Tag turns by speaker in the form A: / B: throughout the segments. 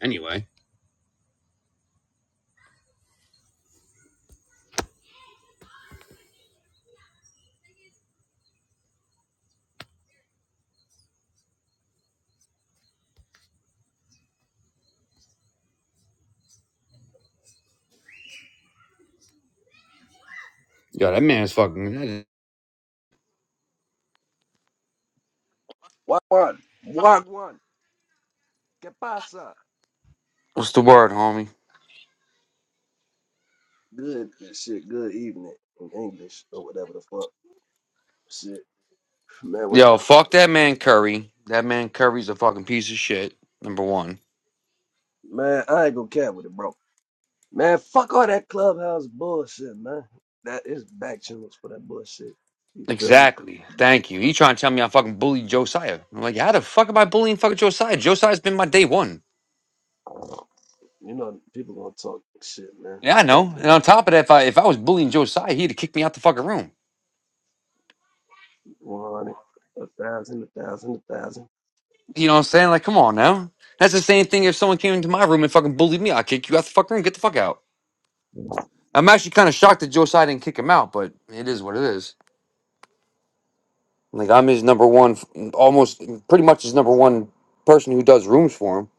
A: Anyway, yo, that man's fucking.
B: Wagwan. Wagwan. ¿Qué pasa?
A: What's the word, homie?
B: Good and shit. Good evening in English or whatever the fuck. Shit. Man, what's my
A: Yo, fuck that man Curry. That man Curry's a fucking piece of shit. Number one.
B: man? I ain't gonna care with it, bro. Man, fuck all that clubhouse bullshit, man. That is back channels for that bullshit. You feel me?
A: Exactly.
B: But
A: Thank you. He trying to tell me I fucking bullied Josiah. I'm like, how the fuck am I bullying fucking Josiah? Josiah's been my day one.
B: you know, people gonna talk shit, man.
A: Yeah, I
B: Fuck
A: know. And
B: them.
A: on top of that, if I if I was bullying Josiah, he'd have kicked me out the fucking room.
B: 100, a thousand, a thousand, a thousand.
A: You know what I'm saying? Like, come on now. That's the same thing if someone came into my room and fucking bullied me, I'd kick you out the fucking room. Get the fuck out. I'm actually kind of shocked that Josiah didn't kick him out, but it is what it is. Like I'm his number one, almost pretty much his number one person who does rooms for him.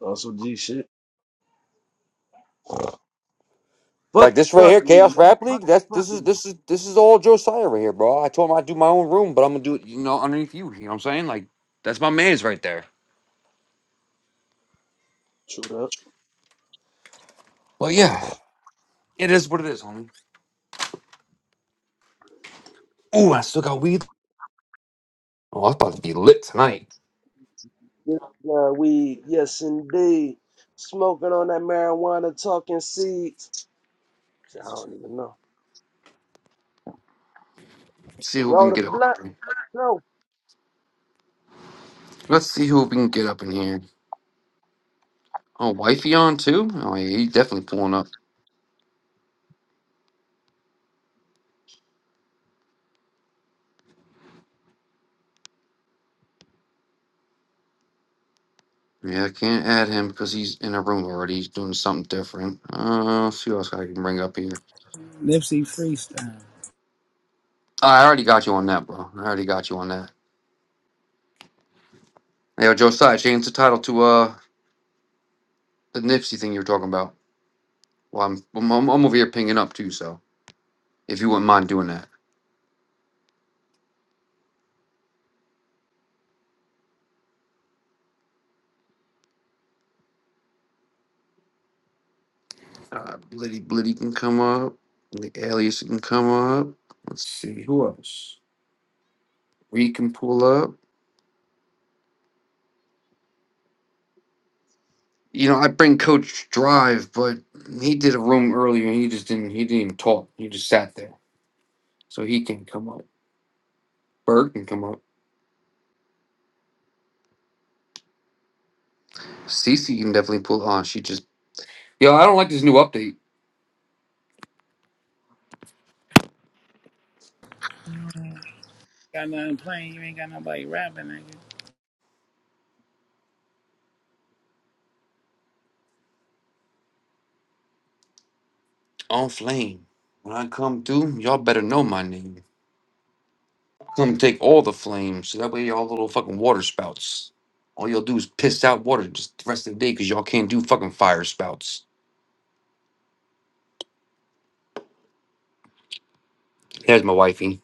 B: Also G shit.
A: Like
B: Fuck the
A: this right here,
B: fuckery,
A: Chaos
B: man.
A: Rap
B: Fuck
A: League.
B: the
A: That's this is
B: fuckery.
A: this is this is all Josiah right here, bro. I told him I'd do my own room, but I'm gonna do it, you know, underneath you. You know what I'm saying? Like that's my man's right there.
B: True that.
A: But yeah, it is what it is, homie. Ooh, I still got weed. Oh, it's about to be lit tonight.
B: Yes, God, weed. Yes, indeed. Smoking on that marijuana, talking seeds. I don't even know.
A: Let's see who we
B: Roll
A: can
B: the
A: get up.
B: blunt. no,
A: Let's see who we can get up in here. Oh, wifey on too. Oh, yeah, he's definitely pulling up. Yeah, I can't add him because he's in a room already. He's doing something different. Uh, let's see what else I can bring up here.
C: Nipsey freestyle.
A: I already got you on that, bro. I already got you on that. Hey, Yo, Josiah, change the title to uh the Nipsey thing you were talking about. Well, I'm I'm, I'm I'm over here pinging up too, so if you wouldn't mind doing that. Uh, Blitty Blitty can come up. The alias can come up. Let's see who else. We can pull up. You know, I bring Coach Drive, but he did a room earlier and he just didn't. He didn't even talk. He just sat there, so he can't come up. Bird can come up. Cece can definitely pull on. She just yo. I don't like this new update.
C: You ain't Got nothing playing. You ain't got nobody rapping,
A: On flame. When I come through, y'all better know my name. Come take all the flame, so that way y'all little fucking water spouts. All y'all do is piss out water just the rest of the day, cause y'all can't do fucking fire spouts. Here's my wifey.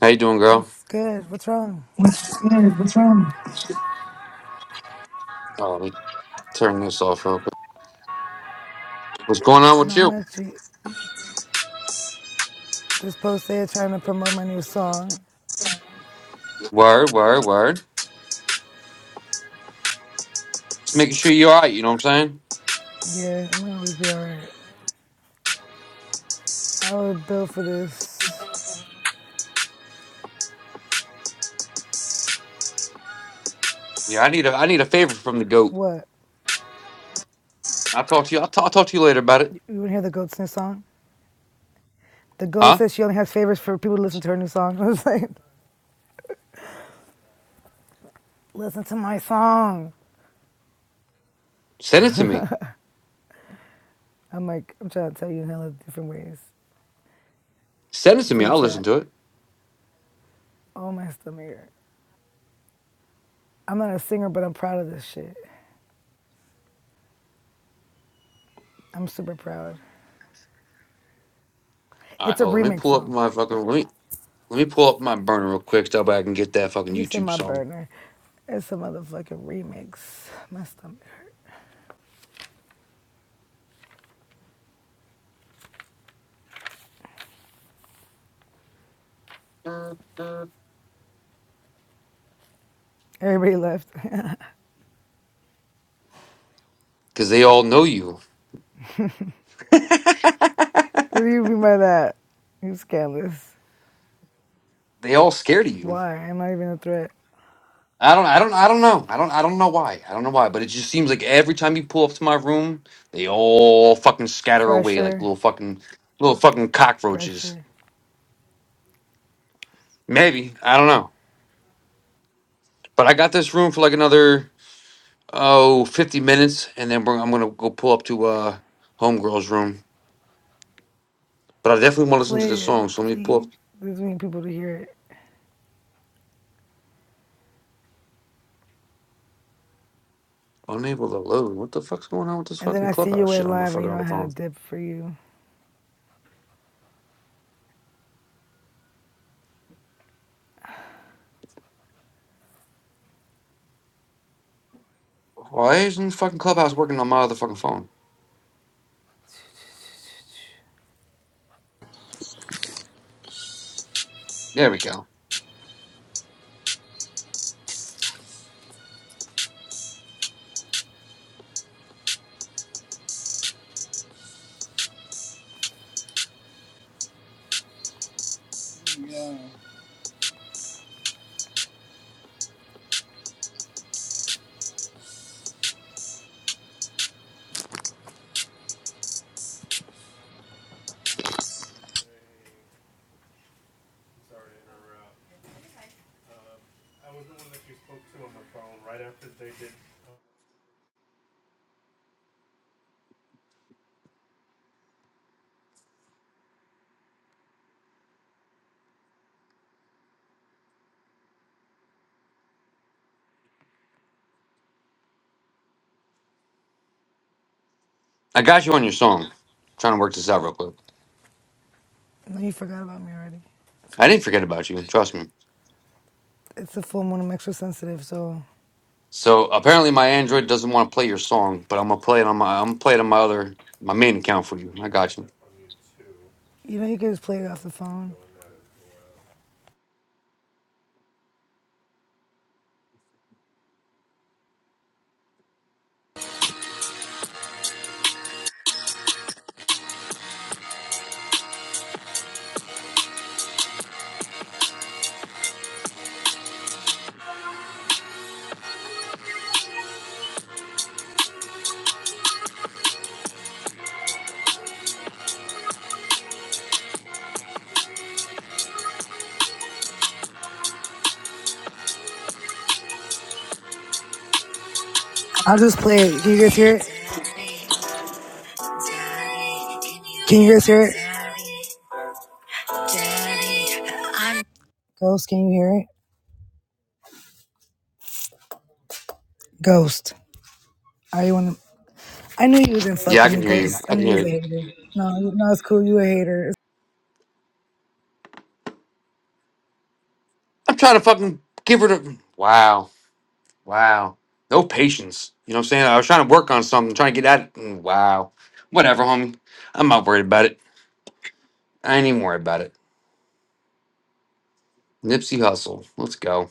A: How you doing, girl?
D: What's good? What's wrong?
A: What's good? What's wrong? Oh, let me turn this off real quick. What's going on with
D: Not
A: you?
D: much. You- Just posted trying to promote my new song.
A: Word, word, word. Just making sure you're all right. You know what I'm saying?
D: Yeah, I'm gonna always be alright. I was built for this.
A: Yeah, I need a I need a favor from the goat.
D: What?
A: I'll talk to you. I'll, t- I'll talk to you later about it.
D: You you wanna hear the goat's new song? The goat
A: Huh?
D: says she only has favors for people to listen to her new song. I was like, listen to my song.
A: Send it to me.
D: I'm like, I'm trying to tell you in hella different ways.
A: Send it to
D: It's
A: me.
D: in the
A: I'll listen
D: chat.
A: to it.
D: Oh my stomach. hurt. I'm not a singer, but I'm proud of this shit. I'm super proud.
A: All right,
D: It's a
A: hold on. Let me
D: remix
A: pull up
D: though.
A: my fucking. Let me let me pull up my burner real quick so I can get that fucking
D: He said
A: YouTube
D: my
A: song
D: burner. It's a motherfucking remix. My stomach. Everybody left. what
A: because they all know you.
D: do you mean by that? You scandalous.
A: they all scared of you.
D: Why? I'm not even a threat.
A: I don't. I don't. I don't know. I don't. I don't know why. I don't know why. But it just seems like every time you pull up to my room, they all fucking scatter away like
D: Pressure,
A: little fucking little fucking cockroaches.
D: pressure.
A: Maybe I don't know. But I got this room for like another oh 50 minutes, and then we're, I'm gonna go pull up to uh homegirl's room But I definitely want to listen to
D: Play
A: the
D: it,
A: song. So let me pull up
D: please. There's many people to hear it.
A: Unable to Load. What the fuck's going on with this
D: And then
A: fucking
D: I see you
A: clubhouse shit
D: went
A: on my
D: live and
A: fucking
D: you know I
A: other
D: had a
A: phone?
D: dip for you.
A: Why isn't fucking clubhouse working on my other fucking phone? There we go.
C: nigga.
A: I got you on your song. Trying to work this out real quick.
D: No, you forgot about me already. That's
A: I
D: cool.
A: didn't forget about you, trust me.
D: It's a full moon. I'm extra sensitive, so
A: So apparently my Android doesn't want to play your song, but I'm gonna play it on my I'm gonna play it on my other my main account for you. I got you.
D: you know you can just play it off the phone. I'll just play it. Can you guys hear it? Can you guys hear it? Ghost, can you hear it? Ghost. Are you on? the I knew you was in fuck
A: Yeah, I
D: with
A: can
D: me,
A: hear you.
D: Ghost.
A: I
D: I
A: can
D: knew you
A: hear
D: was a
A: you.
D: hater. No, you- no, it's cool. You a hater.
A: I'm trying to fucking give her the Wow. Wow. No patience. You know what I'm saying? I was trying to work on something, trying to get at it. and Wow. Whatever, homie. I'm not worried about it. I ain't even worried about it. Nipsey Hustle. Let's go.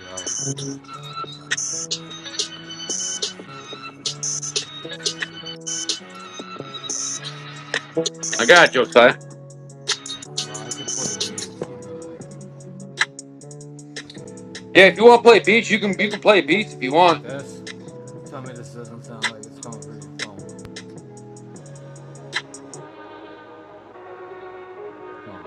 E: Yo,
A: I got it, Josiah.
E: bro, I can play beats. You know that.
A: Yeah, if you want to play beats, you can you can play beats if you
E: Like
A: want.
E: this. Tell me this doesn't sound like it's coming from your phone. Come on,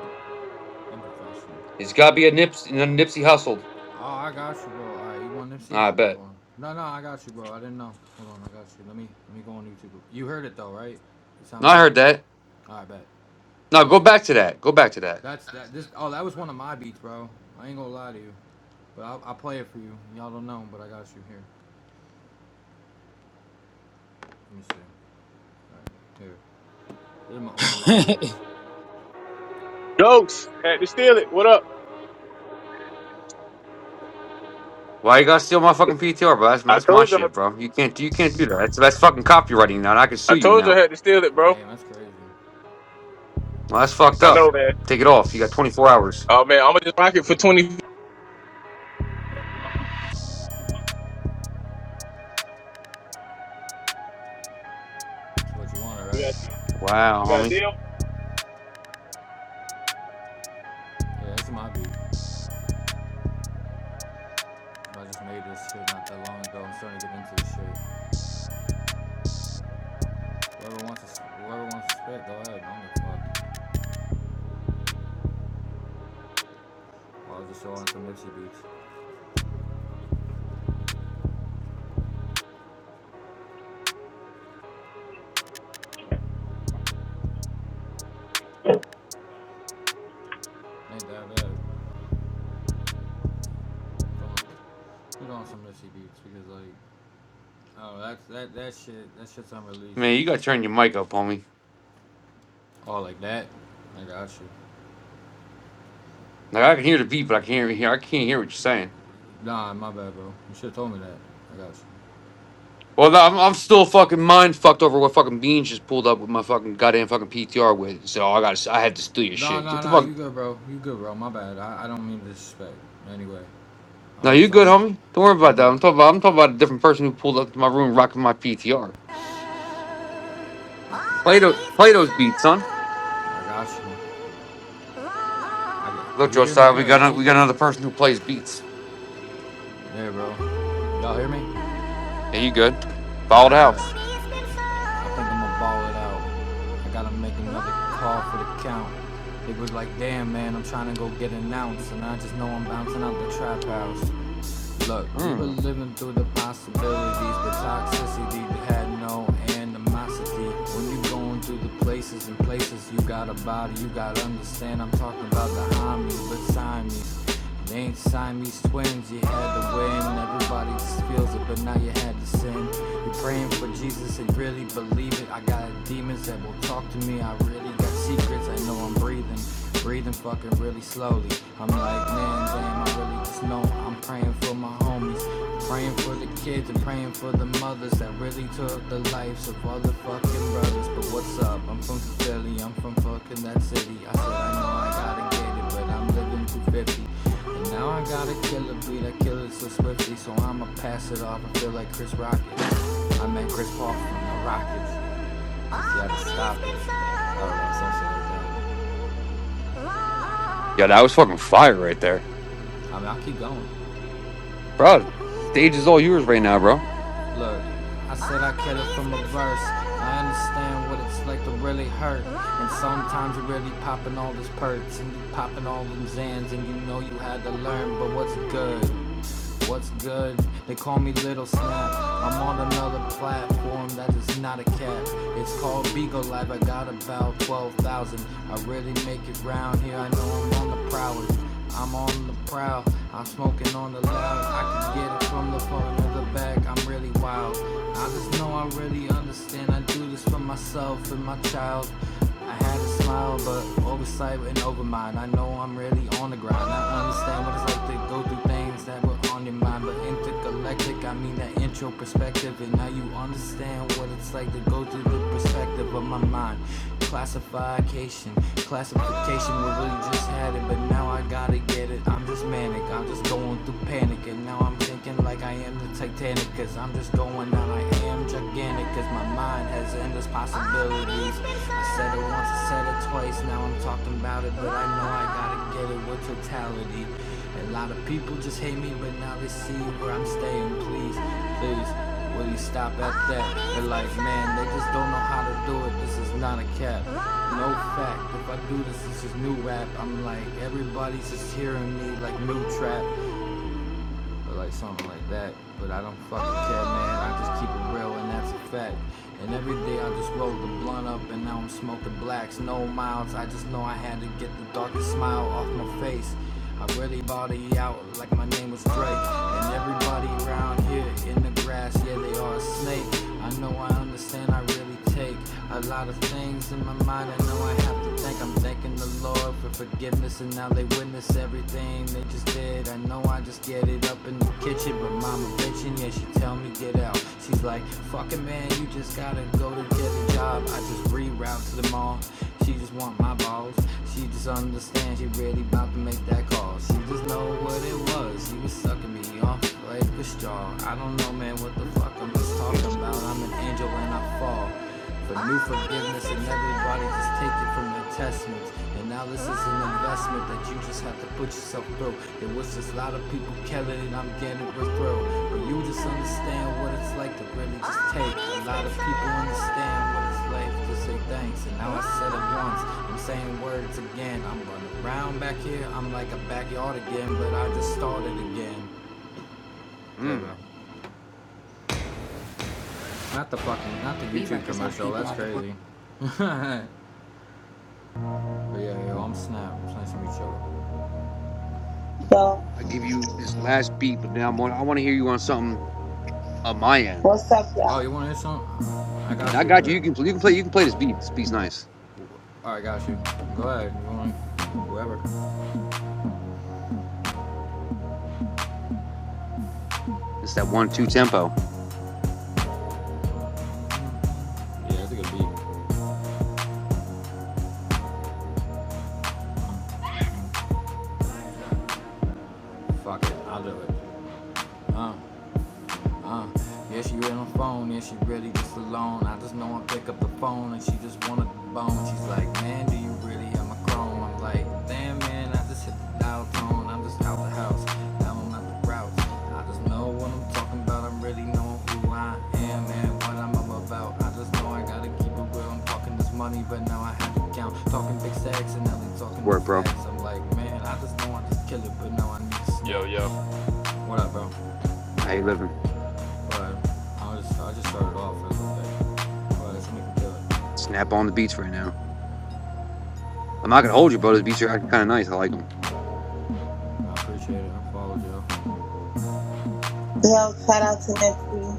E: I'm professional.
A: It's got to be a Nipsey, a Nipsey Hustled.
E: Oh, I got you, bro. All right, you want MC? All
A: I
E: right,
A: bet.
E: hold on. No, no, I got you, bro. I didn't know. Hold on, I got you. Let me let me go on YouTube. You heard it though, right? It
A: No,
E: sound
A: I
E: good?
A: heard that.
E: All right, bet.
A: No,
E: Yeah,
A: go back to that. Go back to that.
E: that's that. This oh, that was one of my beats, bro. I ain't gonna lie to you, but I'll, I'll play it for you. Y'all don't know, but I got you here. Let me see. All right, here. This is my, one of my
C: Yeah.
E: beats.
F: Jokes had to steal it. What up?
A: Why you gotta steal my fucking PTR, bro? That's,
F: I
A: that's my
F: told you.
A: shit, bro. You can't you can't do that. That's that's fucking copywriting now. And I can sue
F: I
A: you
F: told you I
A: now.
F: had to steal it, bro.
E: Damn, that's crazy.
A: Well, that's fucked
F: I
A: up.
F: know, man.
A: Take it off. You got 24 hours.
F: Oh man, I'm gonna just rock it for twenty.
E: That's what you wanted,
F: You
E: right?
F: got,
A: Wow,
F: you got a
A: homie.
F: deal?
E: Yeah, this is my beat. I just made this shit not that long ago. I'm starting to get into this shit. Whoever wants to, whoever wants to spit, go ahead. I don't give a fuck. Or I'll just throw on some Nipsey beats. Ain't that bad. Put on some Nipsey beats because like, oh, that's that that shit. That shit's unreleased.
A: Man, you gotta turn your mic up, homie.
E: Oh, like that? I got you.
A: Like I can hear the beat, but I can't hear. I can't hear what you're saying.
E: Nah, my bad, bro. You should have told me that. I got you.
A: Well, no, I'm, I'm still fucking mind fucked over what fucking Beans just pulled up with my fucking goddamn fucking PTR with. And said, "Oh, I gotta, s- I had to steal your
E: Nah,
A: shit."
E: nah,
A: Get the
E: nah. You
A: fuck.
E: good, bro? You good, bro? My bad. I, I don't mean to disrespect. Anyway,
A: No,
E: I'm
A: you
E: just
A: good,
E: I'm
A: homie. Don't worry about
E: I'm
A: that. I'm
E: look.
A: talking about, I'm talking about a different person who pulled up to my room rocking my PTR.
E: Oh,
A: Play
E: baby,
A: those,
E: it's
A: play
E: been
A: those
E: so
A: beats, son.
E: long. I got you. I got
A: Look,
E: you. You
A: Joe
E: hear me
A: Style, we
E: good,
A: got, a,
E: right?
A: we got another person who plays beats.
E: Yeah, bro. Y'all hear me?
A: Yeah, you good?
E: Ah, I
A: Fouled
E: Oh,
A: house.
E: baby, it's been so long. I think I'm gonna ball it out. I gotta make another call for the count. They was like, damn, man, I'm trying to go get announced, and I just know I'm bouncing out the trap house. Look, we were
A: Hmm.
E: living through the possibilities, but toxicity had no animosity. When you going through the places and places, you got a body, you gotta understand. I'm talking about the homies, but Siamese. They ain't Siamese twins, you had to win. Everybody just feels it, but now you had to sin. You're praying for Jesus and really believe it. I got demons that will talk to me, I really got secrets, I know I'm breathing. Breathing fucking really slowly. I'm like, man, damn, I really just know I'm praying for my homies. Praying for the kids and praying for the mothers that really took the lives of all the fucking brothers. But what's up? I'm from Philly, I'm from fucking that city. I said, I know I gotta get it, but I'm living 250. And now I gotta kill a beat, I kill it so swiftly, so I'ma pass it off and feel like Chris Rocket. I met Chris Paul from the Rockets. You gotta stop it. I don't know, some shit like
A: Yeah, that was
E: that.
A: fucking fire right there,
E: I mean, I keep going.
A: bro. Stage is all yours right now, bro.
E: Look, I said I kept it from a verse. I understand what it's like to really hurt. And sometimes you're really popping all these perks and you popping all them Zans and you know you had to learn, but what's good? What's good? They call me Little Snap. I'm on another platform that is not a cap. It's called Beagle Lab. I got about 12,000. I really make it round here. I know I'm on the prowl. I'm on the prowl. I'm smoking on the loud. I can get it from the front or the back. I'm really wild. I just know I really understand. I do this for myself and my child. I had a smile, but oversight and overmind. I know I'm really on the grind. I understand what it's like to go through things that were on in mind, but intergalactic. I mean that intro perspective, and now you understand what it's like to go through the perspective of my mind. Classification, classification. We really just had it, but now I gotta get it. I'm just manic. I'm just going through panic, and now I'm thinking like I am the Titanic, cause I'm just going out. I am gigantic, cause my mind has endless possibilities. I said it once, I said it it twice, now I'm talking about it, but I know I gotta get it with totality. A lot of people just hate me, but now they see where I'm staying. Please, please, will you stop at that? They're like, man, they just don't know how to do it. This is not a cap. No fact. If I do this, this is new rap. I'm like, everybody's just hearing me like new trap or like something like that. But I don't fucking care, man. I just keep it real, and that's a fact. And every day I just roll the blunt up, and now I'm smoking blacks, no miles. I just know I had to get the darkest smile off my face. I really body out like my name was Drake, and everybody around here in the grass, yeah, they are a snake. I know I understand, I really take a lot of things in my mind. I know I have to think. I'm thanking the Lord for forgiveness, and now they witness everything they just did. I know I just get it up in the kitchen, but mama bitching, yeah, she tell me get out. She's like, fucking man, you just gotta go to get a job. I just reroute to the mall. She just want my balls. She just understand she really about to make that call. She just know what it was. She was sucking me off like a straw. I don't know, man, what the
A: Yeah, I
E: fuck I'm
A: don't know,
E: just talking
A: please,
E: about. I'm
A: nobody.
E: an angel and I fall. For new forgiveness and everybody just take it from the testaments. And now this is an investment that you just have to put yourself through. It was just a lot of people killing and I'm getting it through. But you just understand what it's like to really just take. A lot of people understand what it's like to say thanks. And now I said it once, I'm saying words again. I'm running around back here, I'm like a backyard again, but I just started again. J-Lo.
A: Mm,
E: Not the fucking, not the YouTube commercial, that's crazy. But yeah, yo, I'm Snap. It's nice to meet you.
G: Yo,
A: I give you this last beat, but now I'm on, I want to hear you on something on my end.
G: what's up,
E: Oh,
G: y'all?
E: you want to hear something? I got
A: Now I
E: you
A: got you.
E: here.
A: You can you can play you can play this beat. This beat's nice.
E: All right, got you. Go ahead. You want whoever?
A: It's that one two tempo.
E: Yeah, it's a good beat. Fuck it, I'll do it. Huh? Uh, yeah, she really on the phone, yeah, she really just alone. I just know I pick up the phone and she just wanna bone. She's like, man, do you really have my chrome? I'm like, damn, man, I just hit the dial tone. I'm just out the house, now I'm out the route. I just know what I'm talking about, I am really knowing who I am and what I'm up about. I just know I gotta keep it real. I'm talking this money, but now I have to count. Talking big sacks and now they
A: It's the
E: talking no
A: word, bro.
E: facts. I'm like, man, I just know I just kill it, but now I need to
H: Yo, yo.
E: snap. What up, bro?
A: How you living?
E: But I just, I just started off as like, well, this nigga do it.
A: Snap on the beats right now. I'm not gonna hold you, bro. Those beats are actually kind of nice. I like them.
E: I appreciate it. I followed you.
G: Yo, shout out to Nipsey.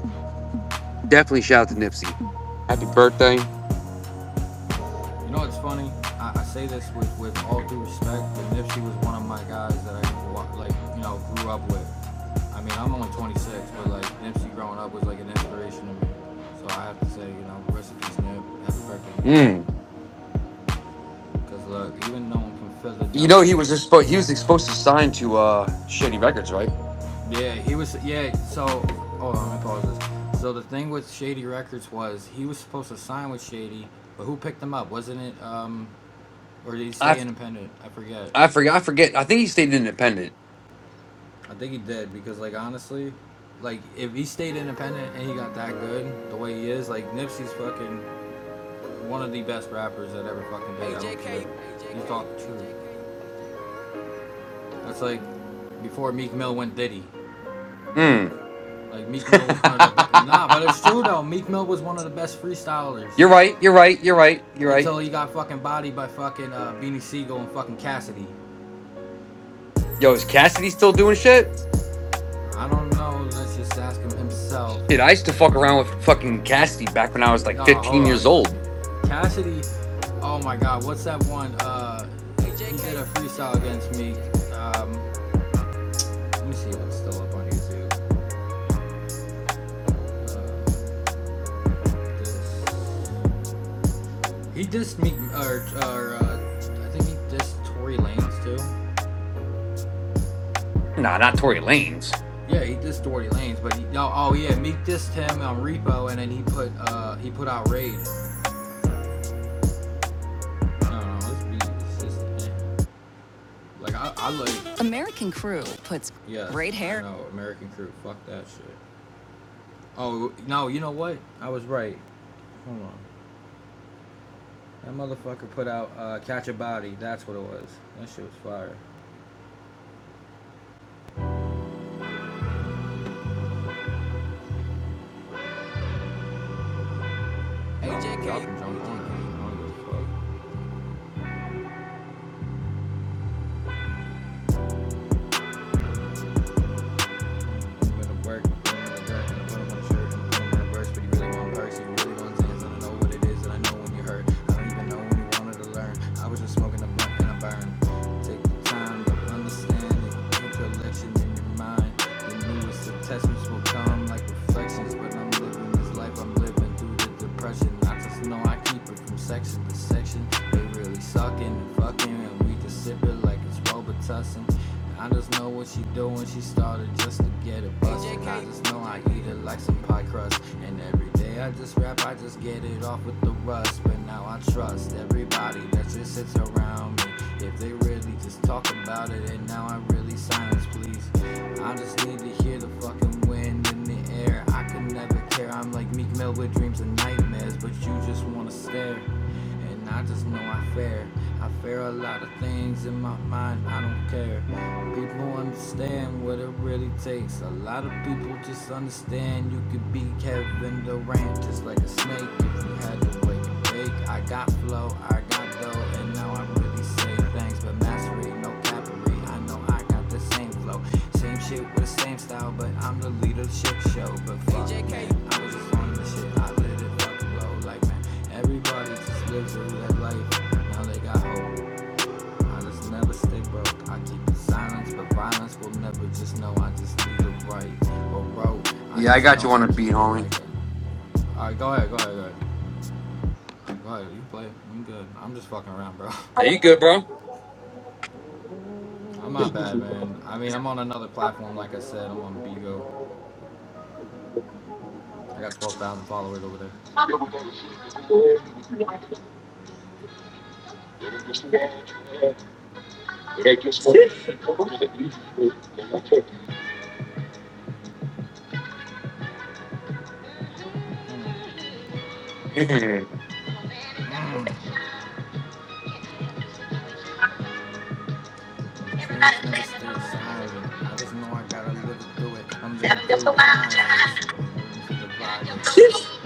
A: Definitely shout out to Nipsey. Happy birthday.
E: You know what's funny? I, I say this with, with all due respect, but Nipsey was one of my guys that I like, you know, grew up with. I mean, I'm only 26, but like Nipsey growing up was like an inspiration to me. So I have to say, you know, rest in peace, Nip. Happy birthday, Nip.
A: Mm.
E: Because look, even though I'm from
A: You know he was
E: Philadelphia.
A: just expo- he was supposed to sign to uh Shady Records, right?
E: Yeah, he was. Yeah, so hold on, let me pause this. So the thing with Shady Records was he was supposed to sign with Shady, but who picked him up? Wasn't it um, or did he
A: I
E: stay independent? I forget.
A: I forget I forget. I think he stayed independent.
E: I think he did because like honestly, like if he stayed independent and he got that good the way he is, like Nipsey's fucking one of the best rappers that ever fucking been. Hey, did. I JK. care. He's talking true. That's like before Meek Mill went Diddy.
A: Mm.
E: Like Meek Mill was one of the best. Nah, but it's true though. Meek Mill was one of the best freestylers
A: you're right. You're right. You're right. You're right.
E: Until he got fucking bodied by fucking uh, Beanie Siegel and fucking Cassidy.
A: Yo, is Cassidy still doing shit?
E: I don't know. Let's just ask him himself.
A: Shit, I used to fuck around with fucking Cassidy back when I was like
E: No,
A: 15
E: hold
A: years
E: on.
A: old.
E: Cassidy. Oh my God. What's that one? Uh, he did a freestyle against me. Um, let me see if it's still up on YouTube. Uh, this. He dissed me, or, or uh, I think he dissed Tory Lanez too.
A: Nah, not Tory Lanez.
E: Yeah, he dissed Doherty Lanes, but he, no, oh yeah, Meek dissed him on Repo, and then he put uh he put out Raid. No, no, let's be consistent. Like I, I like yeah. Raid hair. No, American Crew. Fuck that shit. Oh no, you know what? I was right. Hold on. That motherfucker put out uh, Catch a Body. That's what it was. That shit was fire. AJ, Put in the work, in the work, and I put on my shirt, and I put on my verse, but you really want perks, you really want things, and I know what it is, and I know when you hurt. I don't even know when you wanted to learn. I was just smoking a blunt and I burned. Take the time to understand it, keep collection in your mind. The newest attachments will come like reflections, but I'm living this life I'm living through the depression. I just know I keep it from section to section. They really sucking and fucking, and we just sip it like it's Robitussin never tussin'. I just know what she doing. She started just to get it bustin'. I just know I eat it like some pie crust. And every day I just rap, I just get it off with the rust. But now I trust everybody that just sits around me. If they really just talk about it, and now I really silence, please. I just need to hear the fucking wind in the air. I could never care. I'm like Meek Mill with dreams and nightmares, but you just wanna stare. And I just know I fair. I fear a lot of things in my mind, I don't care. People understand what it really takes. A lot of people just understand you could be Kevin Durant just like a snake if you had to wake and bake. I got flow, I got dough, and now I really say thanks. But mastery, no cavalry, I know I got the same flow. Same shit with the same style, but I'm the leadership show. But fuck, man, I was just on the shit, I lit it fuck blow. Like, man, Everybody just lives in that life. Now they got hope. I just never stay broke. I keep the silence, but violence will never just know. I just need the right or road. I
A: Yeah, I
E: just
A: got
E: know
A: you on
E: I
A: a
E: keep
A: beat,
E: it
A: homie.
E: like a. Alright, go ahead, go ahead, go ahead. Go ahead, you play. I'm good. I'm just fucking around, bro.
A: Hey, you good, bro?
E: I'm not bad, man. I mean, I'm on another platform, like I said. I'm on Bigo. I got 12,000 followers over there. Hmm. the dreams never stay silent. I just know I gotta live it through it. I'm living through violence. I'm living through the violence.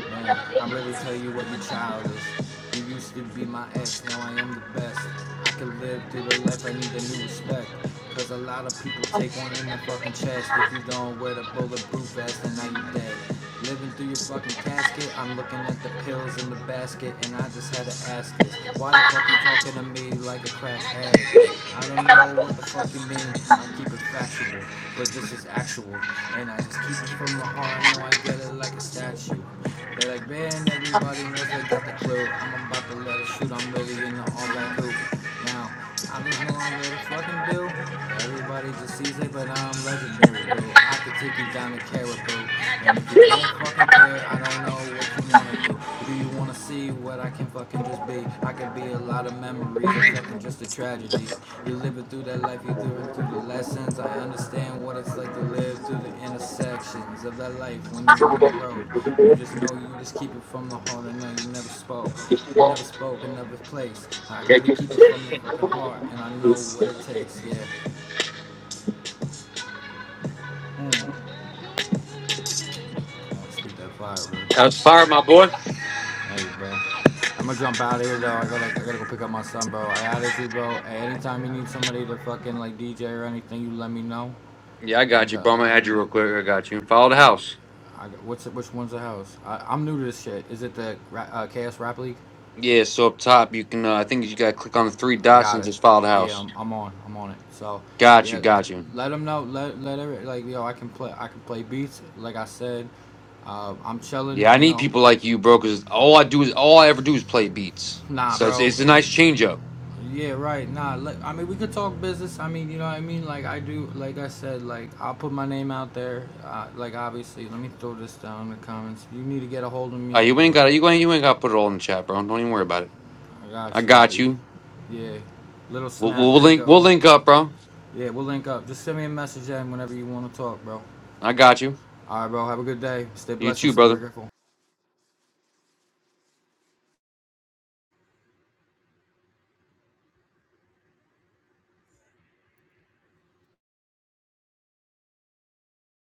E: Man, I really tell you what, you're childish. You used to be my ex, now I am the best. I can live through the life I need a new respect. Cause a lot of people take one in the fucking chest if you don't wear the bulletproof vest and now you dead. Living through your fucking casket, I'm looking at the pills in the basket and I just had to ask this. Why the fuck you talking to me like a crack addict? I don't know what the fuck you mean. I keep it factual, but this is actual. And I just keep it from the heart. I know I get it like a statue. They are like, man, everybody knows they got the clue. I'm about to let it shoot. I'm really in the all black hoop. Now, I just know I'm let it fucking do. Everybody just sees it, but I'm legendary, boo. I could take you down to Caribou. And if you don't fucking care, I don't know what you wanna do. Do you wanna see what I can fucking just be? I could be a lot of memories or fucking just a tragedy. You're living through that life, you're living through the lessons. I understand what it's like to live through the intersections of that life when you on the road. You just
A: That
E: know you just keep it from the heart. I know you never spoke, you never spoke, in another place. I really keep it from the fucking heart, and I know what it takes. Yeah. Mm. Only speak that fire, boy.
A: was fire, my boy.
E: Thank you, bro. I'm gonna jump out of here though. I gotta, I gotta go pick up my son, bro. I added you, bro. Hey, anytime you need somebody to fucking like DJ or anything, you let me know.
A: Yeah, I got
E: And
A: you,
E: uh,
A: bro. I'm gonna add you
E: and
A: real quick. I got you. Follow the
E: Yeah.
A: house.
E: I, what's it, which one's the house? I, I'm new to this shit. Is it the Ra- uh, Chaos Rap League?
A: Yeah, so up top, you can, uh, I think you gotta click on the three
E: I
A: dots
E: got
A: and
E: it.
A: just follow the
E: Yeah,
A: house.
E: I'm, I'm on. I'm on it. So,
A: Got you,
E: yeah,
A: got you.
E: let them know. Let let every like yo, I can play. I can play beats. Like I said, uh, I'm chilling.
A: Yeah, I
E: You
A: need
E: know,
A: people like you, bro. Because all I do is all I ever do is play beats.
E: nah,
A: So it's
E: bro.
A: it's a nice change up.
E: Yeah, right. Nah, let, I mean we could talk business. I mean, you know what I mean. Like I do. Like I said, like I'll put my name out there. Uh, like obviously, let me throw this down in the comments. You need to get a hold of
A: Uh,
E: me.
A: you
E: Oh
A: ain't
E: wait.
A: got you ain't you ain't got to put it all in the chat, bro. Don't even worry about it.
E: I
A: I
E: got you, but
A: got you.
E: yeah, little
A: We'll,
E: snap,
A: we'll link we'll
E: Bigo.
A: link up, bro.
E: Yeah, we'll link up. Just send me a message, and whenever you want to talk, bro.
A: I got you.
E: All right, bro. Have a good day. Stay
A: You
E: blessed and
A: too,
E: stay
A: brother.
E: grateful.